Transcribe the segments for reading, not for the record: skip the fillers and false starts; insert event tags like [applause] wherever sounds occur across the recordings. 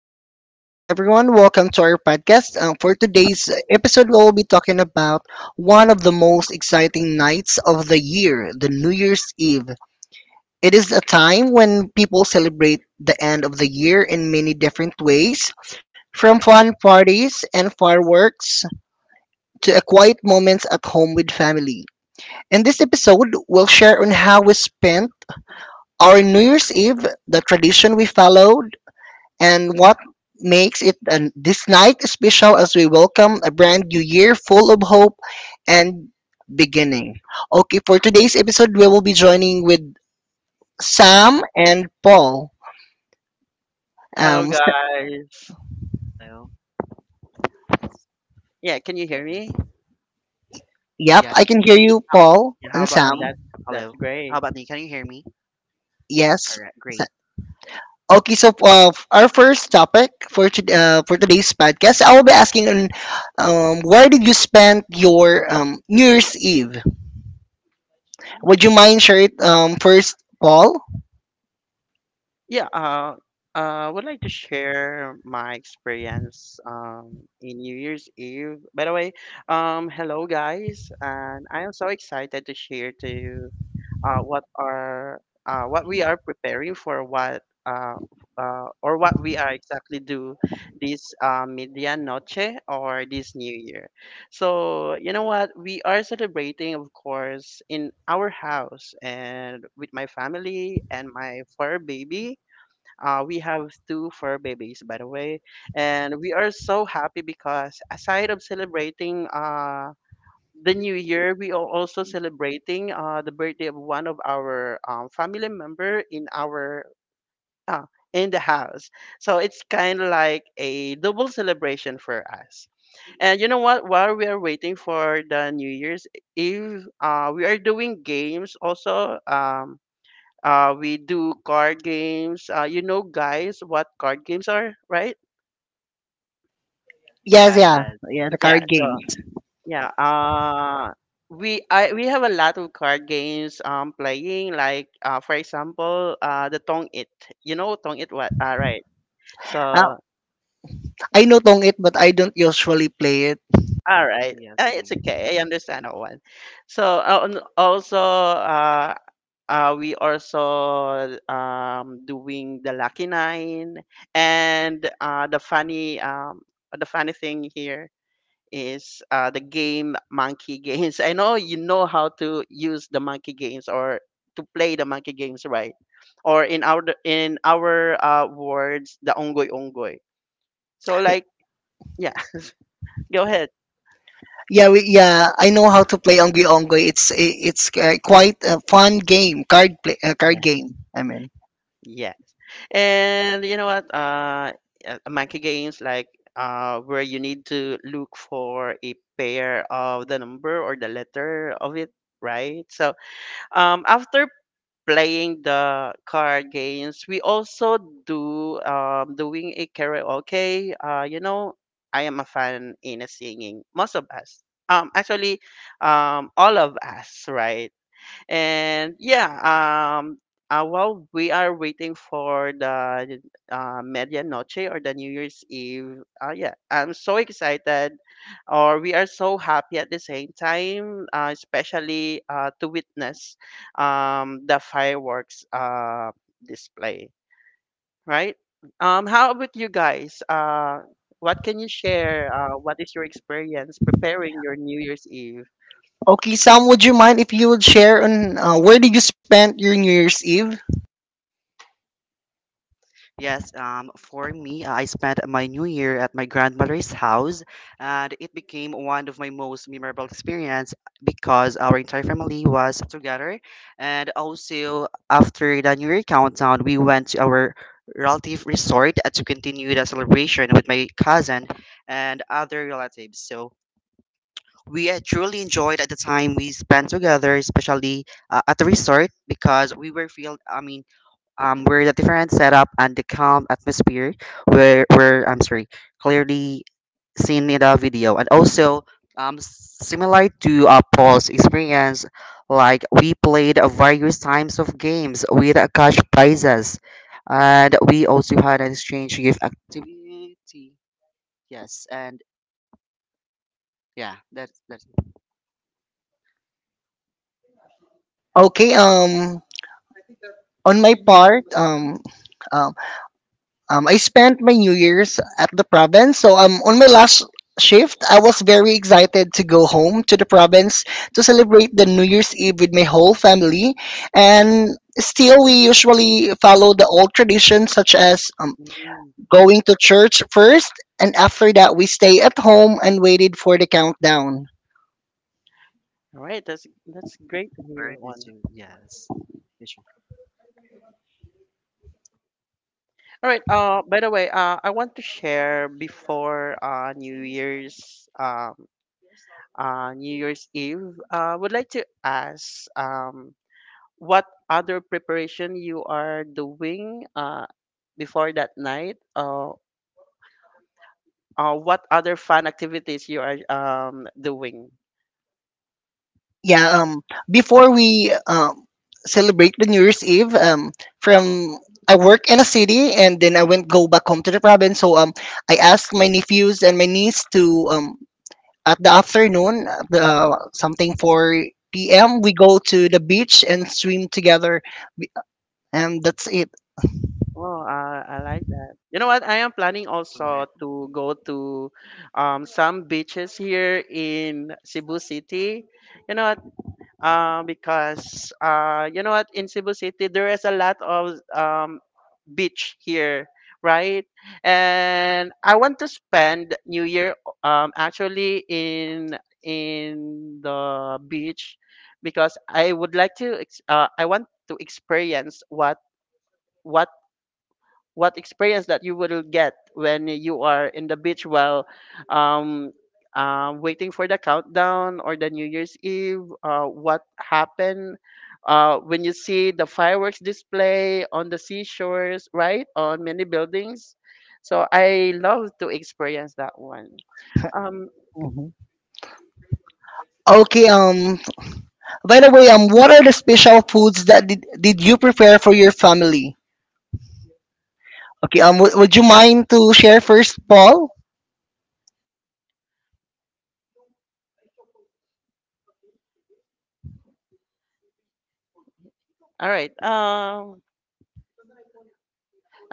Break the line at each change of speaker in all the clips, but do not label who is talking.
right, good morning, everyone. Welcome to our podcast. For today's episode, we'll be talking about one of the most exciting nights of the year, the New Year's Eve. It is a time when people celebrate the end of the year in many different ways, from fun parties and fireworks to a quiet moments at home with family. In this episode, we'll share on how we spent our New Year's Eve, the tradition we followed, and what makes this night special as we welcome a brand new year full of hope and beginning. Okay, for today's episode, we will be joining with Sam and Paul.
Hello
Um, s-
guys.
Hello.
Yeah, can you hear
Yeah.
me?
yep,
Yeah.
I can hear you,
How,
Paul
yeah, how
and
about
Oh,
Sam.
me?
that's
Hello. How
great.
about me? Can you hear me?
Yes.
All right. Great.
Sa- Okay, so our first topic for for today's podcast, I will be asking on where did you spend your New Year's Eve? Would you mind share it first, Paul?
Yeah, uh would like to share my experience in New Year's Eve. By the way, hello guys, and I am so excited to share to you uh, what are what we are preparing for what we are exactly do this media noche or this new year. So you know what, we are celebrating, of course, in our house and with my family and my fur baby. We have two fur babies, by the way, and we are so happy because aside of celebrating the new year, we are also celebrating the birthday of one of our family member in our uh, in the house. So it's kind of like a double celebration for us. And you know what, while we are waiting for the new year's eve, we are doing games also. We do card games. You know guys what card games are, right?
Yes,
Yeah.
yeah.
Yes.
Yeah, the
yeah
card game.
so Yeah, uh we I we have a lot of card games playing, like for example the Tong It. You know Tong It, what? All right.
Uh,
So
I know Tongit, but I don't usually play it.
all
Mm.
right.
Yes. Same.
It's okay. I understand that one. So and also we also doing the lucky nine and the funny The funny thing here is the game Monkey Games. [laughs] I know you know how to use the Monkey Games or to play the Monkey Games, right? Or in our words, the Ongoy Ongoy. So like, yeah, [laughs] go ahead.
I know how to play Ongi Ongoy. It's quite a fun game, card play,
Yeah,
card game. I mean,
yeah. And you know what? Monkey Games, like where you need to look for a pair of the number or the letter of it, right? So after playing the card games, we also do doing a karaoke. You know, I am a fan in a singing. Most of us, actually, all of us, right? And yeah, um, while we are waiting for the medianoche or the New Year's Eve, yeah, I'm so excited, or we are so happy at the same time, especially to witness the fireworks display, right? How about you guys? What can you share? What is your experience preparing your New Year's Eve?
okay, Sam, would you mind if you would share on where did you spend your New Year's Eve?
Yes. For me, I spent my New Year at my grandmother's house, and it became one of my most memorable experience because our entire family was together, and also after the New Year countdown, we went to our relative resort to continue the celebration with my cousin and other relatives. So we truly enjoyed at the time we spent together, especially at the resort, because we were feel. I mean, we're the different setup and the calm atmosphere were I'm sorry, clearly seen in the video, and also similar to Paul's experience, like we played various times of games with cash prizes, and we also had an exchange gift activity. Yes, and yeah, that's that's.
Okay, on my part, uh, I spent my New Year's at the province. So on my last shift, I was very excited to go home to the province to celebrate the New Year's Eve with my whole family. And still, we usually follow the old traditions such as
Mm.
going to church first, and after that, we stay at home and waited for the countdown.
All right, that's great to hear that
Already
one.
do, yes. Yeah, sure.
All right. By the way, I want to share before New Year's New Year's Eve. Would like to ask what other preparation you are doing before that night. What other fun activities you are doing.
Yeah, um, Before we celebrate the New Year's Eve, from I work in a city and then I went go back home to the province. So I asked my nephews and my niece to at the afternoon, something 4 p.m. We go to the beach and swim together, and that's it.
Oh, I like that. You know what? I am planning
Oh,
also
right.
to go to some beaches here in Cebu City. You know what? Because You know what, in Cebu City there is a lot of beach here, right? And I want to spend New Year actually in the beach because I would like to I want to experience what what experience that you will get when you are in the beach while um, waiting for the countdown or the New Year's Eve. What happened when you see the fireworks display on the seashores, right? On many buildings. So I love to experience that one. Um,
Mhm. Okay. By the way, what are the special foods that did you prepare for your family? Okay. Would you mind to share first, Paul?
all right.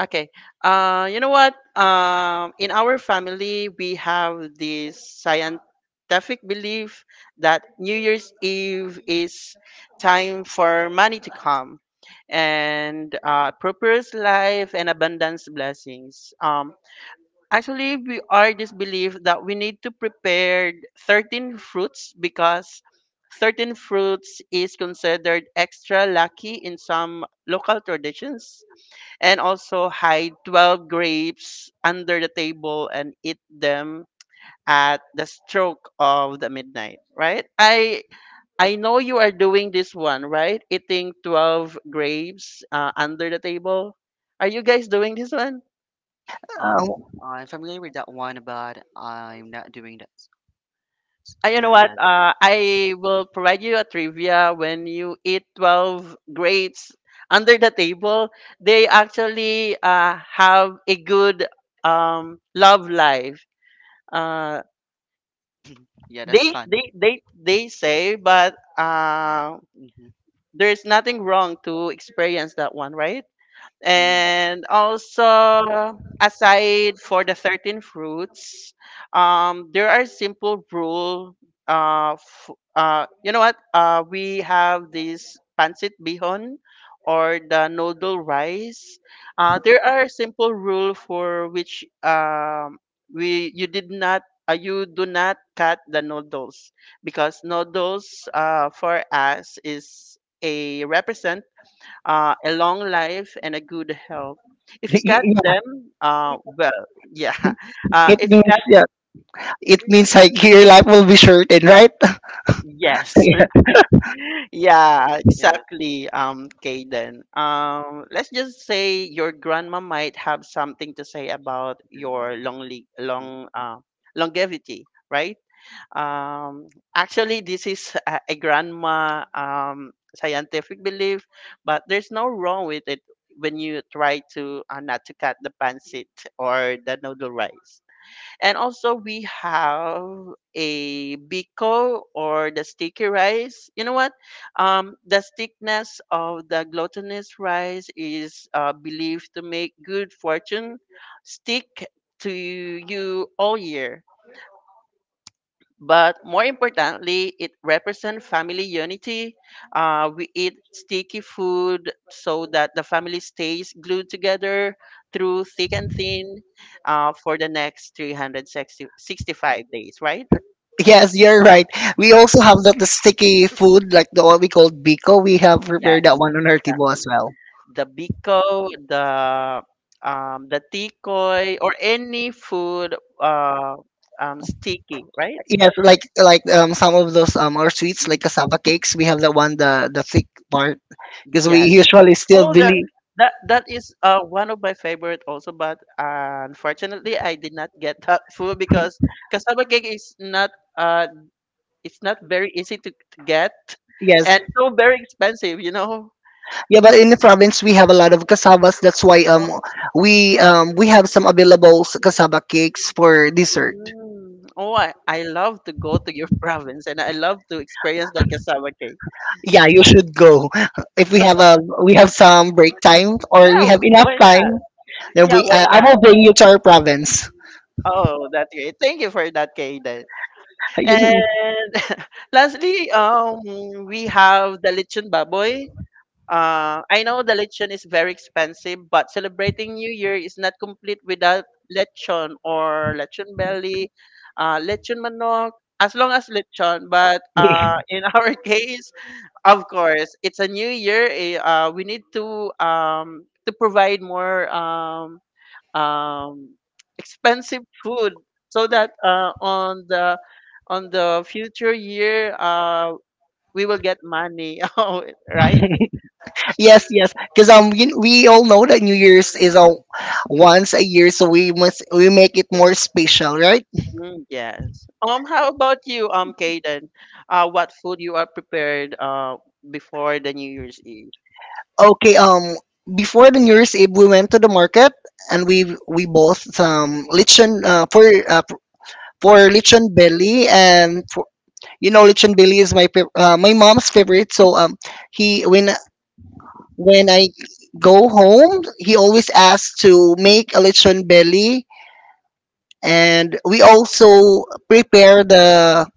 Okay. You know what? In our family, we have this scientific belief that New Year's Eve is time for money to come and prosperous life and abundance blessings. Actually, we are this belief that we need to prepare 13 fruits, because 13 fruits is considered extra lucky in some local traditions, and also hide 12 grapes under the table and eat them at the stroke of the midnight, right? I know you are doing this one, right? Eating 12 grapes under the table. Are you guys doing this one?
Um,
Uh,
I'm familiar with that one, but I'm not doing that.
You know
Yeah,
what,
yeah.
I will provide you a trivia. When you eat 12 grapes under the table, they actually have a good love life, uh,
[laughs] Yeah, that's
they
fun.
they they they say. But
Mm-hmm.
there's nothing wrong to experience that one, right?
Mm.
And also, aside for the 13 fruits, there are simple rule. Uh, f- you know what? We have this pancit bihon or the noodle rice. There are simple rule for which we you did not, you do not cut the noodles, because noodles for us is a represent a long life and a good health. If you got
Yeah,
them, well, yeah. [laughs]
it
If you
means
got,
it means like your life will be shortened, right? [laughs]
yes,
Yeah.
[laughs] yeah,
Yeah, that's
exactly. Kaden.
mm,
Let's just say your grandma might have something to say about
a good one.
your long, uh, longevity, right? Um, Actually, this is a grandma scientific belief, but there's no wrong with it when you try to not to cut the pancit or the noodle rice. And also, we have a biko or the sticky rice. You know what? The thickness of the glutinous rice is believed to make good fortune stick to you all year, but more importantly, it represents family unity. We eat sticky food so that the family stays glued together through thick and thin for the next 365 days, right?
Yes, you're right. We also have that the sticky food, like the what we call biko. We have
Yeah,
prepared that one on our table as
exactly.
well.
The biko, the tikoy, or any food uh, sticky, right?
Yes, like some of those our sweets
Mm,
like cassava cakes. We have the one the thick part because we
yeah,
usually still
oh, that
believe.
that that is one of my favorite also, but unfortunately I did not get [laughs] that food because cassava cake is not uh it's not very easy to get,
Yes,
and so very expensive, you know.
yeah, but in the province we have a lot of cassavas. That's why
Oh,
um we um we have some available cassava cakes for dessert.
mm. Oh, I love to go to your [laughs] province and I love to experience that cassava cake.
Yeah, you should go. If we have a we have some break time or
Yeah,
we have enough
why not?
time, then
Yeah,
we
why
I
not?
will bring you to our province.
Oh, that's great. Thank you for that, Kaden.
[laughs] You-
And [laughs] lastly, we have the lechon baboy. I know the lechon is very expensive, but celebrating New Year is not complete without lechon or lechon belly, lechon manok, as long as lechon. But in [laughs] our case, of course, it's a new year. Eh, we need to provide more um, expensive food so that on the future year, we will get money, [laughs] right?
yes, yes, because we all know that New Year's is a once a year, so we make it more special, right?
Mm, yes. How about you, Kaden? What food you are prepared before the New Year's Eve?
Okay, before the New Year's Eve, we went to the market and we bought some lechon for for lechon belly and for, you know lechon belly is my my mom's favorite. So he when I go home, he always asks to make a lechon belly, and we also prepare the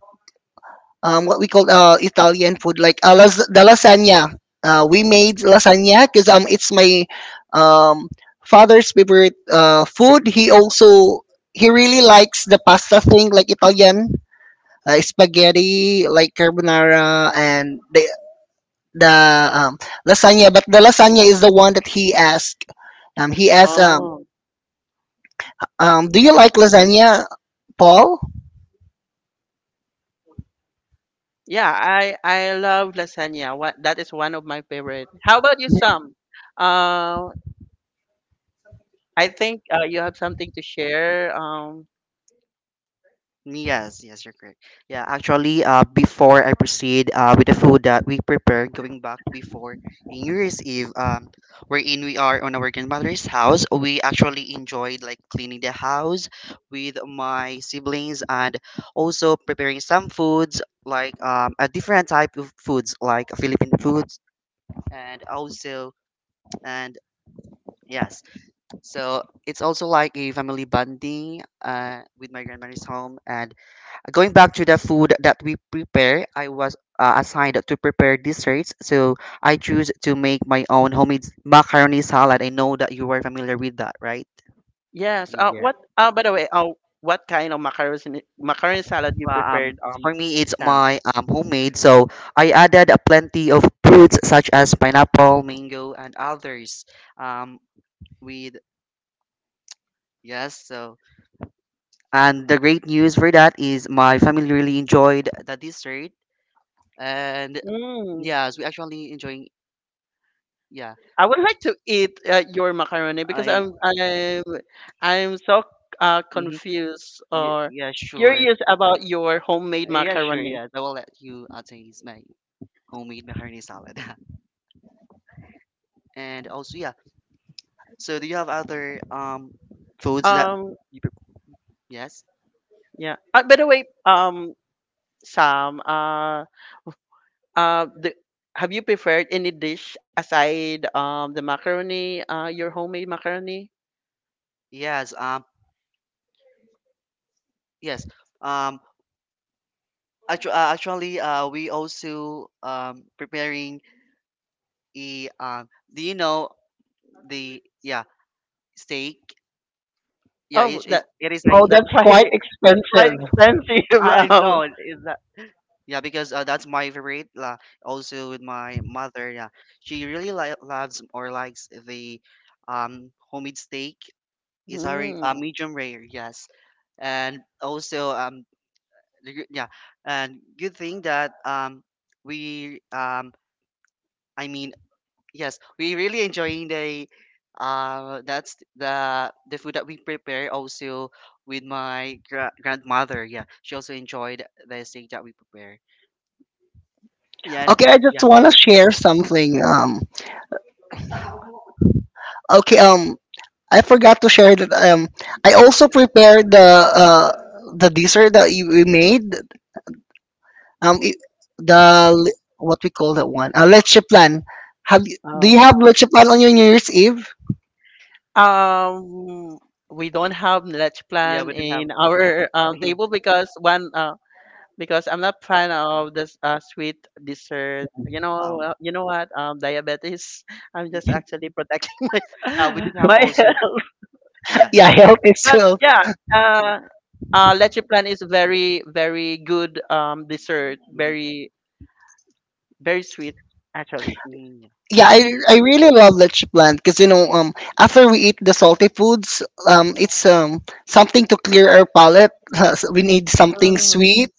what we call Italian food, like the lasagna. We made lasagna because it's my um, father's favorite food. He also he really likes the pasta thing, like Italian spaghetti, like carbonara, and the lasagna, but the lasagna is the one that he asked. Um, he asked, um,
Oh,
um, "Do you like lasagna, Paul?"
yeah, I love lasagna. What, that is one of my favorite. How about you, Sam? Uh, I think you have something to share.
Yes, yes, you're correct. Yeah, actually, before I proceed with the food that we prepared, going back before in New Year's Eve, wherein we are on our grandmother's house, we actually enjoyed like cleaning the house with my siblings and also preparing some foods like a different type of foods like Philippine foods, and also, and yes, so it's also like a family bonding with my grandmother's home. And going back to the food that we prepare, I was assigned to prepare desserts, so I choose to make my own homemade macaroni salad. I know that you are familiar with that, right?
Yes.
Yeah.
What? By the way, what kind of macaroni salad you
Well,
preferred,
for me it's
Sam?
my homemade, so I added a plenty of fruits such as pineapple, mango and others, um, with yes, so, and the great news for that is my family really enjoyed the dessert, and
Mm.
yes, we actually enjoying, yeah,
I would like to eat your macaroni, because
I
I'm so
mm-hmm.
confused
Yeah,
or
yeah, sure.
curious about your homemade
Yeah, sure.
macaroni.
Yeah, I will let you taste my homemade macaroni salad. [laughs] And also, yeah. So, do you have other foods that
Um,
you prep- yes?
yeah. By the way, Sam, uh, the, have you prepared any dish aside the macaroni, your homemade macaroni?
Yes. Yes. Um. Actually, we also preparing a. Do you know the, yeah, steak? Yeah,
Oh,
it is.
that
It is
Oh,
a.
that
that's
quite
quite
[laughs] that's quite
expensive.
expensive.
I
[laughs]
know. It's yeah, because that's my favorite. La, also with my mother, yeah, she really loves or likes the homemade steak. It's already
Um, mm,
medium rare, yes, and also yeah, and good thing that we I mean yes, we really enjoying the that's the food that we prepare also with my grandmother. Yeah, she also enjoyed the steak that we prepare. Yeah, and
Okay, I just want to share something. Okay, I forgot to share that. I also prepared the dessert that we made. Um, it, what we call that one? Leche plan. Do
oh.
you have leche plan on your New Year's Eve? [laughs]
Um, we don't have let
yeah,
Plan
we didn't have.
in our
[laughs]
table because one because I'm not fan of this sweet dessert.
um
You know what? Diabetes. [laughs] I'm just actually protecting
we
my
didn't
[laughs]
have
my
also,
health.
yeah.
Yeah, I hope it's
But yeah, uh, Leche Plan is very very good dessert.
Mhm.
Very very sweet actually.
Mm.
yeah,
Yeah.
I really love leche plant because you know after we eat the salty foods it's something to clear our palate. [laughs] So we need something
Uh,
sweet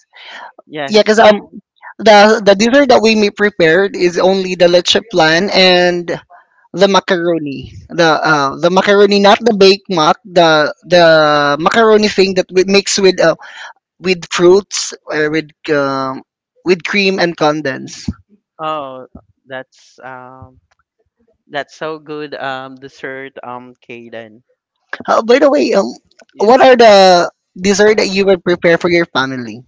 yeah because
yes.
the dessert that we may prepared is only the leche plant and the macaroni, the macaroni, not the baked mac, the macaroni thing that we mix with fruits or with cream and condensed.
Oh, that's um That's so good, dessert, Kaden.
By the way,
Yeah.
what are the dessert that you would prepare for your family?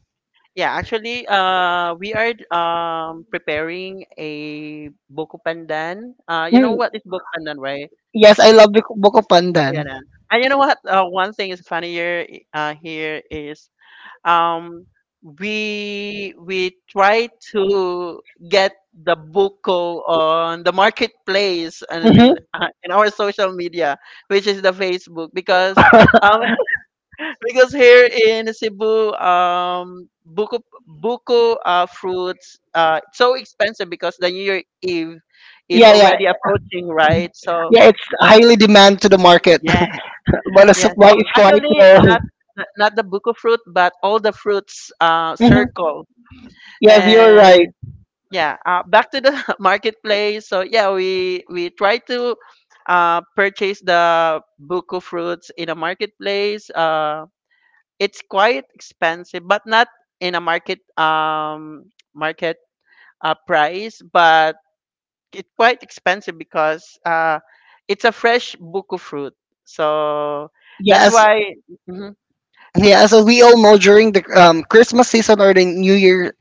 Yeah, actually, we are preparing a buko pandan. You know
Mm,
what is buko pandan, right?
yes, I love buko pandan.
Yeah. Na. And you know what? One thing is funnier here is um we try to get the buko on the marketplace and in our social media, which is the Facebook, because um [laughs] because here in Cebu, buko buko fruits it's so expensive, because the New Year Eve is
Yeah, yeah,
already approaching, right? So
yeah. It's highly demand to the market, [laughs]
yeah,
but the
yeah.
supply
Oh,
is quite
actually,
low.
not the buko fruit, but all the fruits
Mhm.
circle.
Yes, you're
And
right.
yeah, back to the [laughs] marketplace. So yeah, we try to purchase the buko fruits in a marketplace. It's quite expensive, but not in a market market price, but it's quite expensive because it's a fresh buku fruit. So that's
Yes,
why. Mhm.
yeah. So we all know during the Christmas season or the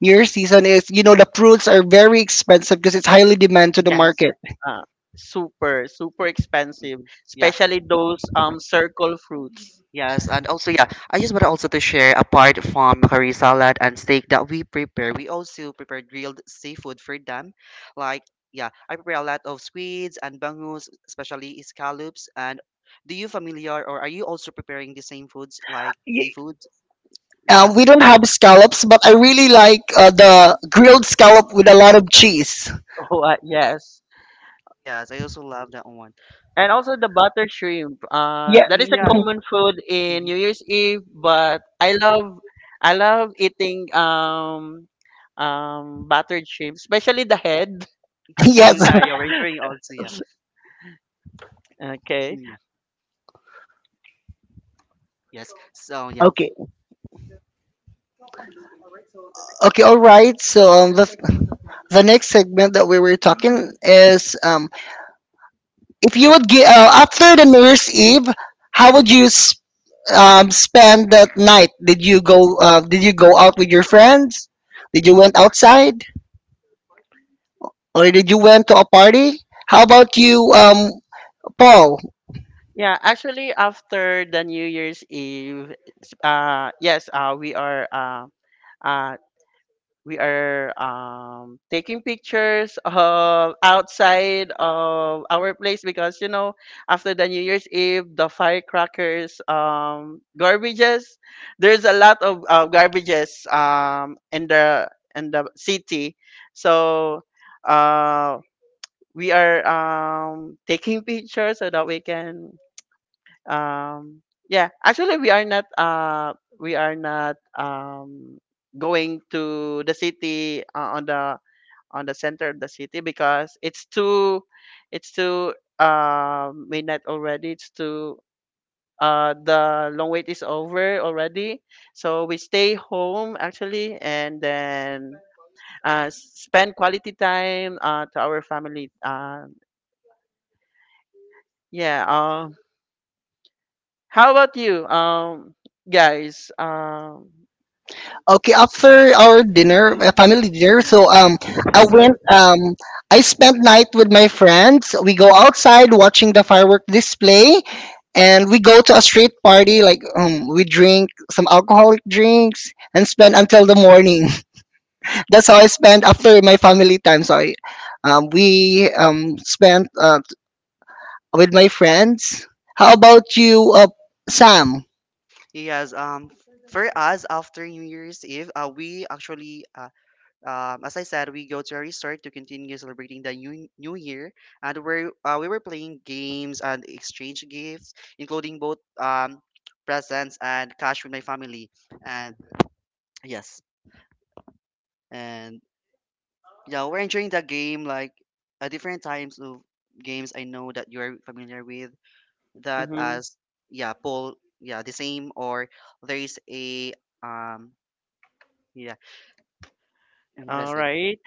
New Year season is you know the fruits are very expensive because it's highly demand to the
Yes,
market.
uh, super expensive,
Mhm. Yeah,
especially those circle fruits. [laughs]
yes, and also, yeah, I just want to also to share apart from curry salad and steak that we prepare, we also prepare grilled seafood for them. Like, yeah, I prepare a lot of squids and bangus, especially scallops. And do you familiar or are you also preparing the same foods like
Y-
seafood? Yeah.
We don't have scallops, but I really like
Mm-hmm.
the grilled scallop with a lot of cheese.
Oh, yes.
Yes, I also love that one.
And also the butter shrimp.
Yeah.
That
Mm.
is a
Yes.
common food in New Year's Eve, but I love eating buttered shrimp, especially the head. [laughs]
[laughs]
Mm,
Yes.
yeah, yeah, we're hearing also, yeah.
Okay.
Mm. Yeah, yes. So yeah.
Okay. Okay. All right. So the next segment that we were talking is if you would get after the New Year's Eve, how would you spend that night? Did you go did you go out with your friends? Did you went outside or did you went to a party? How about you, Paul?
Yeah, actually after the New Year's Eve, s- uh yes, uh we are uh uh we are taking pictures of outside of our place because you know after the new year's eve the firecrackers, garbages, there's a lot of garbages in the city. So uh, we are taking [laughs] pictures so that we can um yeah, actually we are not going to the city, on the center of the city, because it's too it's too midnight already. It's too, the long wait is over already. So we stay home, actually, and then spend quality time to our family. Yeah um how about you, guys?
Okay, after our dinner, family dinner, so I went I spent night with my friends. We go outside watching the firework display, and we go to a street party like we drink some alcoholic drinks and spend until the morning. [laughs] That's how I spend after my family time. Sorry, we spent with my friends. How about you, Sam?
Yes, for us after New Year's Eve, we actually as I said, we go to a resort to continue celebrating the new year, and we were playing games and exchange gifts, including both presents and cash with my family. And yes. And yeah, we're enjoying the game like at different times of games. I know that you're familiar with that
Mm-hmm.
as, yeah, poll, yeah, the same or there is a, um yeah, and
All
that's it.
right.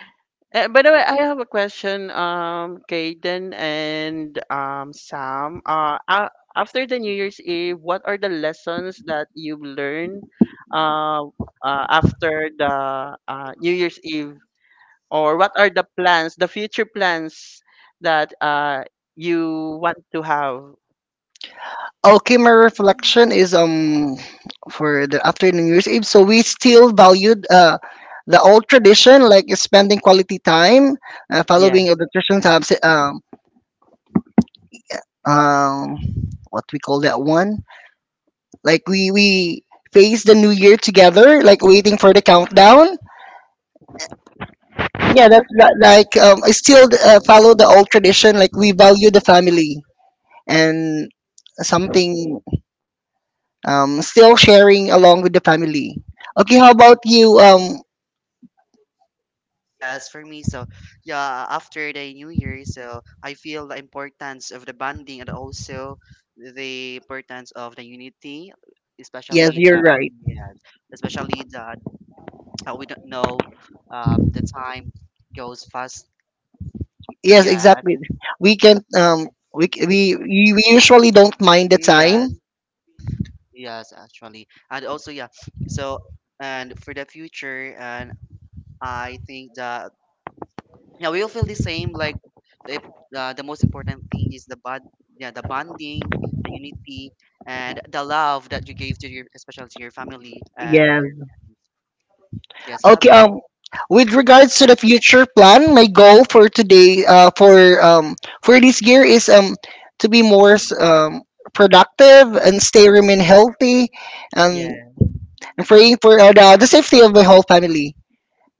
By the way, I have a question, Kaden and Sam. After the New
Mhm.
Year's Eve, what are the lessons that you've learned, uh, after the New Year's Eve, or what are the plans, the future plans, that you want to have?
Okay, my reflection is for the after new year's eve, so we still valued the old tradition like spending quality time,
Yeah,
following the traditions, um, um what we call that one. Like we face the new year together, like waiting for the countdown. Yeah, that's like I still follow the old tradition. Like we value the family and something, still sharing along with the family. Okay, how about you?
Yes, for me, so yeah, after the New Year, so I feel the importance of the bonding and also the importance of the unity,
Yes,
especially
you're
that
right.
yes, especially that [tsk] we don't know the time goes fast.
Yes,
Yeah,
exactly. We can we c- we usually don't mind the time.
yes. Yes, actually. And also, yeah. So, and for the future, and I think that yeah, we all feel the same. Like the the most important thing is the bond, yeah, the bonding, the unity, and the love that you gave to your, especially to your family and
Yeah.
your friends. Yes. How
Okay,
about you?
with regards to
Oh,
the future plan, my goal for today, for um, for this year is to be more productive and stay remain healthy, and
yeah.
praying for the safety of my whole family.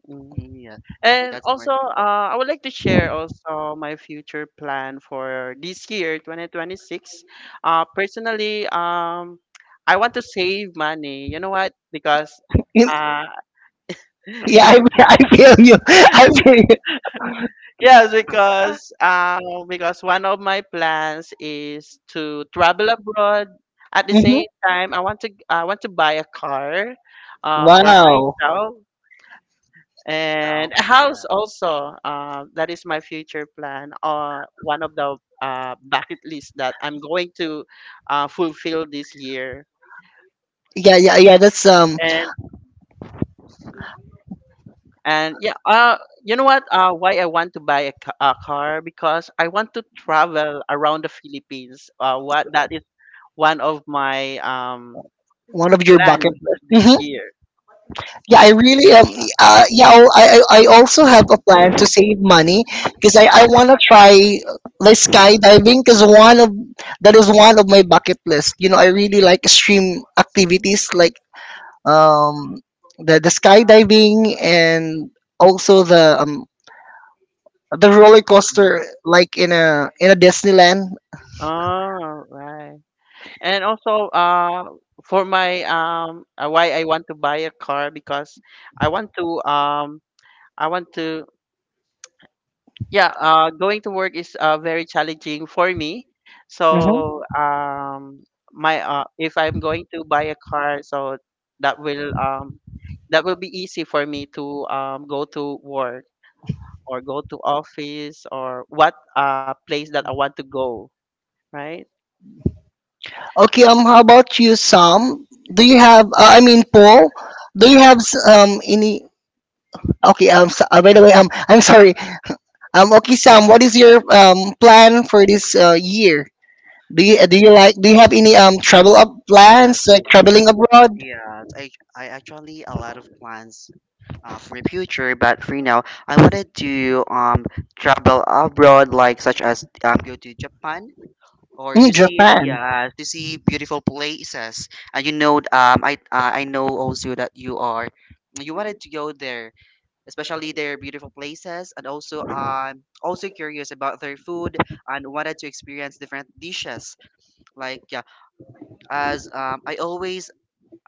Mm.
mm, yeah, yeah,
And
that's more.
also, I would like to share also my future plan for this year, 2026. Personally, I want to save money. You know what? Because
You-
uh,
Yeah, I, [laughs] I feel you. [laughs] I feel you.
Yes,
[laughs]
because one of my plans is to travel abroad. At the
Hmm.
same time, I want to buy a car, for
Wow.
myself,
Yeah,
and a
hoping for
house
that.
also. That is my future plan. One of the bucket list that I'm going to fulfill this year.
Yeah, yeah, yeah. That's
And and yeah, you know what? Why I want to buy a, a car, because I want to travel around the Philippines. What, that is one of my
one of your bucket
plans
list.
this
Mm-hmm.
year.
Yeah, I really am. Yeah, oh, I also have a plan to save money because I want to try like skydiving because one of that is one of my bucket list. You know, I really like extreme activities like um the skydiving and also the roller
Mm.
coaster like in a Disneyland.
Oh, right. And also, for my why I want to buy a car, because I want to um, I want to yeah, going to work is very challenging for me.
Hmm.
So my if I'm going to buy a car, so that will um, that will be easy for me to go to work, or go to office, or what place that I want to go, right?
Okay, how about you, Sam? Do you have? I mean, Paul, do you have any? Okay, so by the way, I'm sorry. Okay, Sam, what is your plan for this year? Do you
Yeah.
do you like do you
Mhm.
have any travel up
Yes.
plans like traveling abroad?
Yes. I actually a lot of plans for my future. But for now, I wanted to travel abroad, like such as go to Japan or
Mm,
to see it,
Japan.
yeah, to see beautiful places. And you know, I know also that you are you wanted to go there, especially their beautiful places, and also also curious about their food and wanted to experience different dishes. Like, yeah, as I always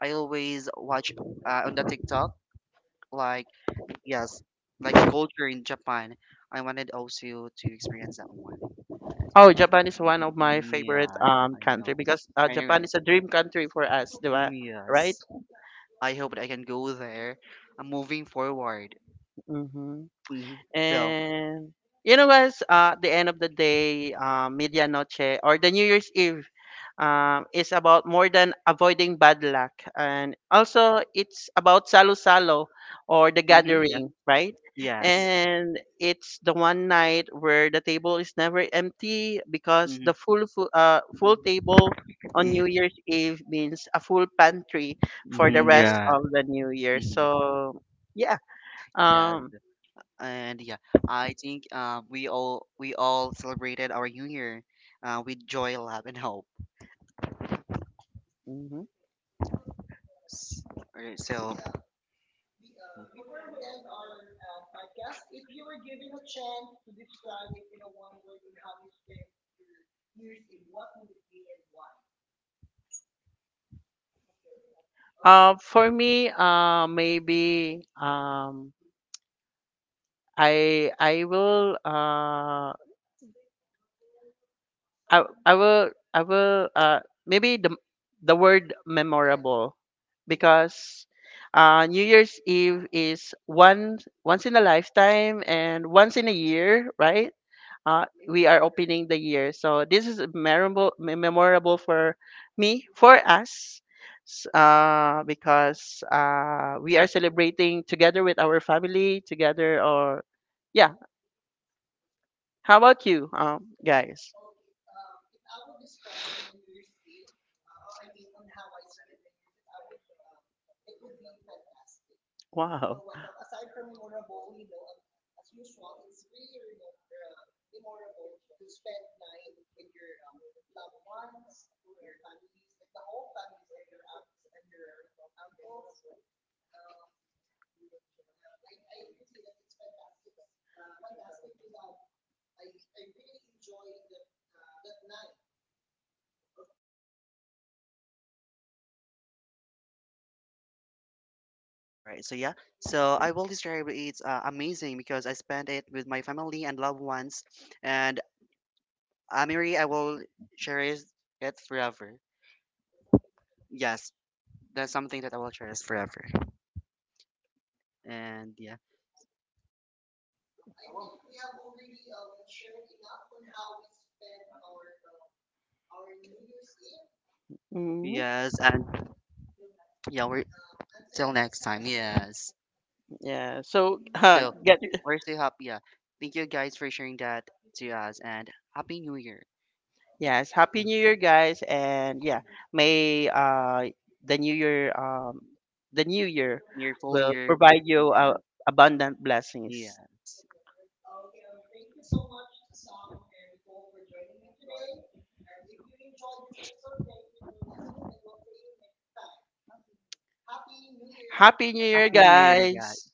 I always watch on the TikTok like, yes, like the culture in Japan. I wanted also to experience that one. Yes.
Oh, Japan is one of my favorite
Yeah, I
country,
know.
because Japan
Anyway,
is a dream country for us, di ba? Right?
yes. I hope that I can go there. I'm moving forward.
Mm-hmm.
Hmm. So,
And you know, guys, at the end of the day, Medianoche, or the New Year's Eve, is about more than avoiding bad luck. And also, it's about Salo Salo, or the
mm-hmm, yes,
gathering, right?
yes.
And it's the one night where the table is never empty, because the
Mm-hmm.
full table on
Yeah,
New Year's Eve means a full pantry for the
mhm,
rest
yeah.
of the New Year.
Mm-hmm.
So, yeah.
Yes,
Um,
and yeah, I think we all celebrated our New Year with joy, love, and hope.
mhm.
S- alright, so,
For me, maybe I I will uh, I I will maybe the word memorable, because New Year's Eve is one once in a lifetime and once in a year, right? We are opening the year. So this is memorable, memorable for me, for us, because we are celebrating together with our family, together or yeah. How about you, guys? Wow.
All right, so yeah, so I will describe it's amazing because I spent it with my family and loved ones, and Amiri, I will cherish it forever. Yes, that's something that I will cherish forever. And yeah,
hmm
yes, and yeah, we're till next time. Yes,
Yeah. So [laughs]
so
get
we're still happy. Yeah, thank you guys for sharing that to us, and happy New Year.
yes.
Mhm.
Happy New Year, guys, and yeah, may the New Year the New Year
Near full
will
year.
provide you
Yeah,
abundant
yeah.
blessings. Happy New Year,
Happy New Year, guys.
guys!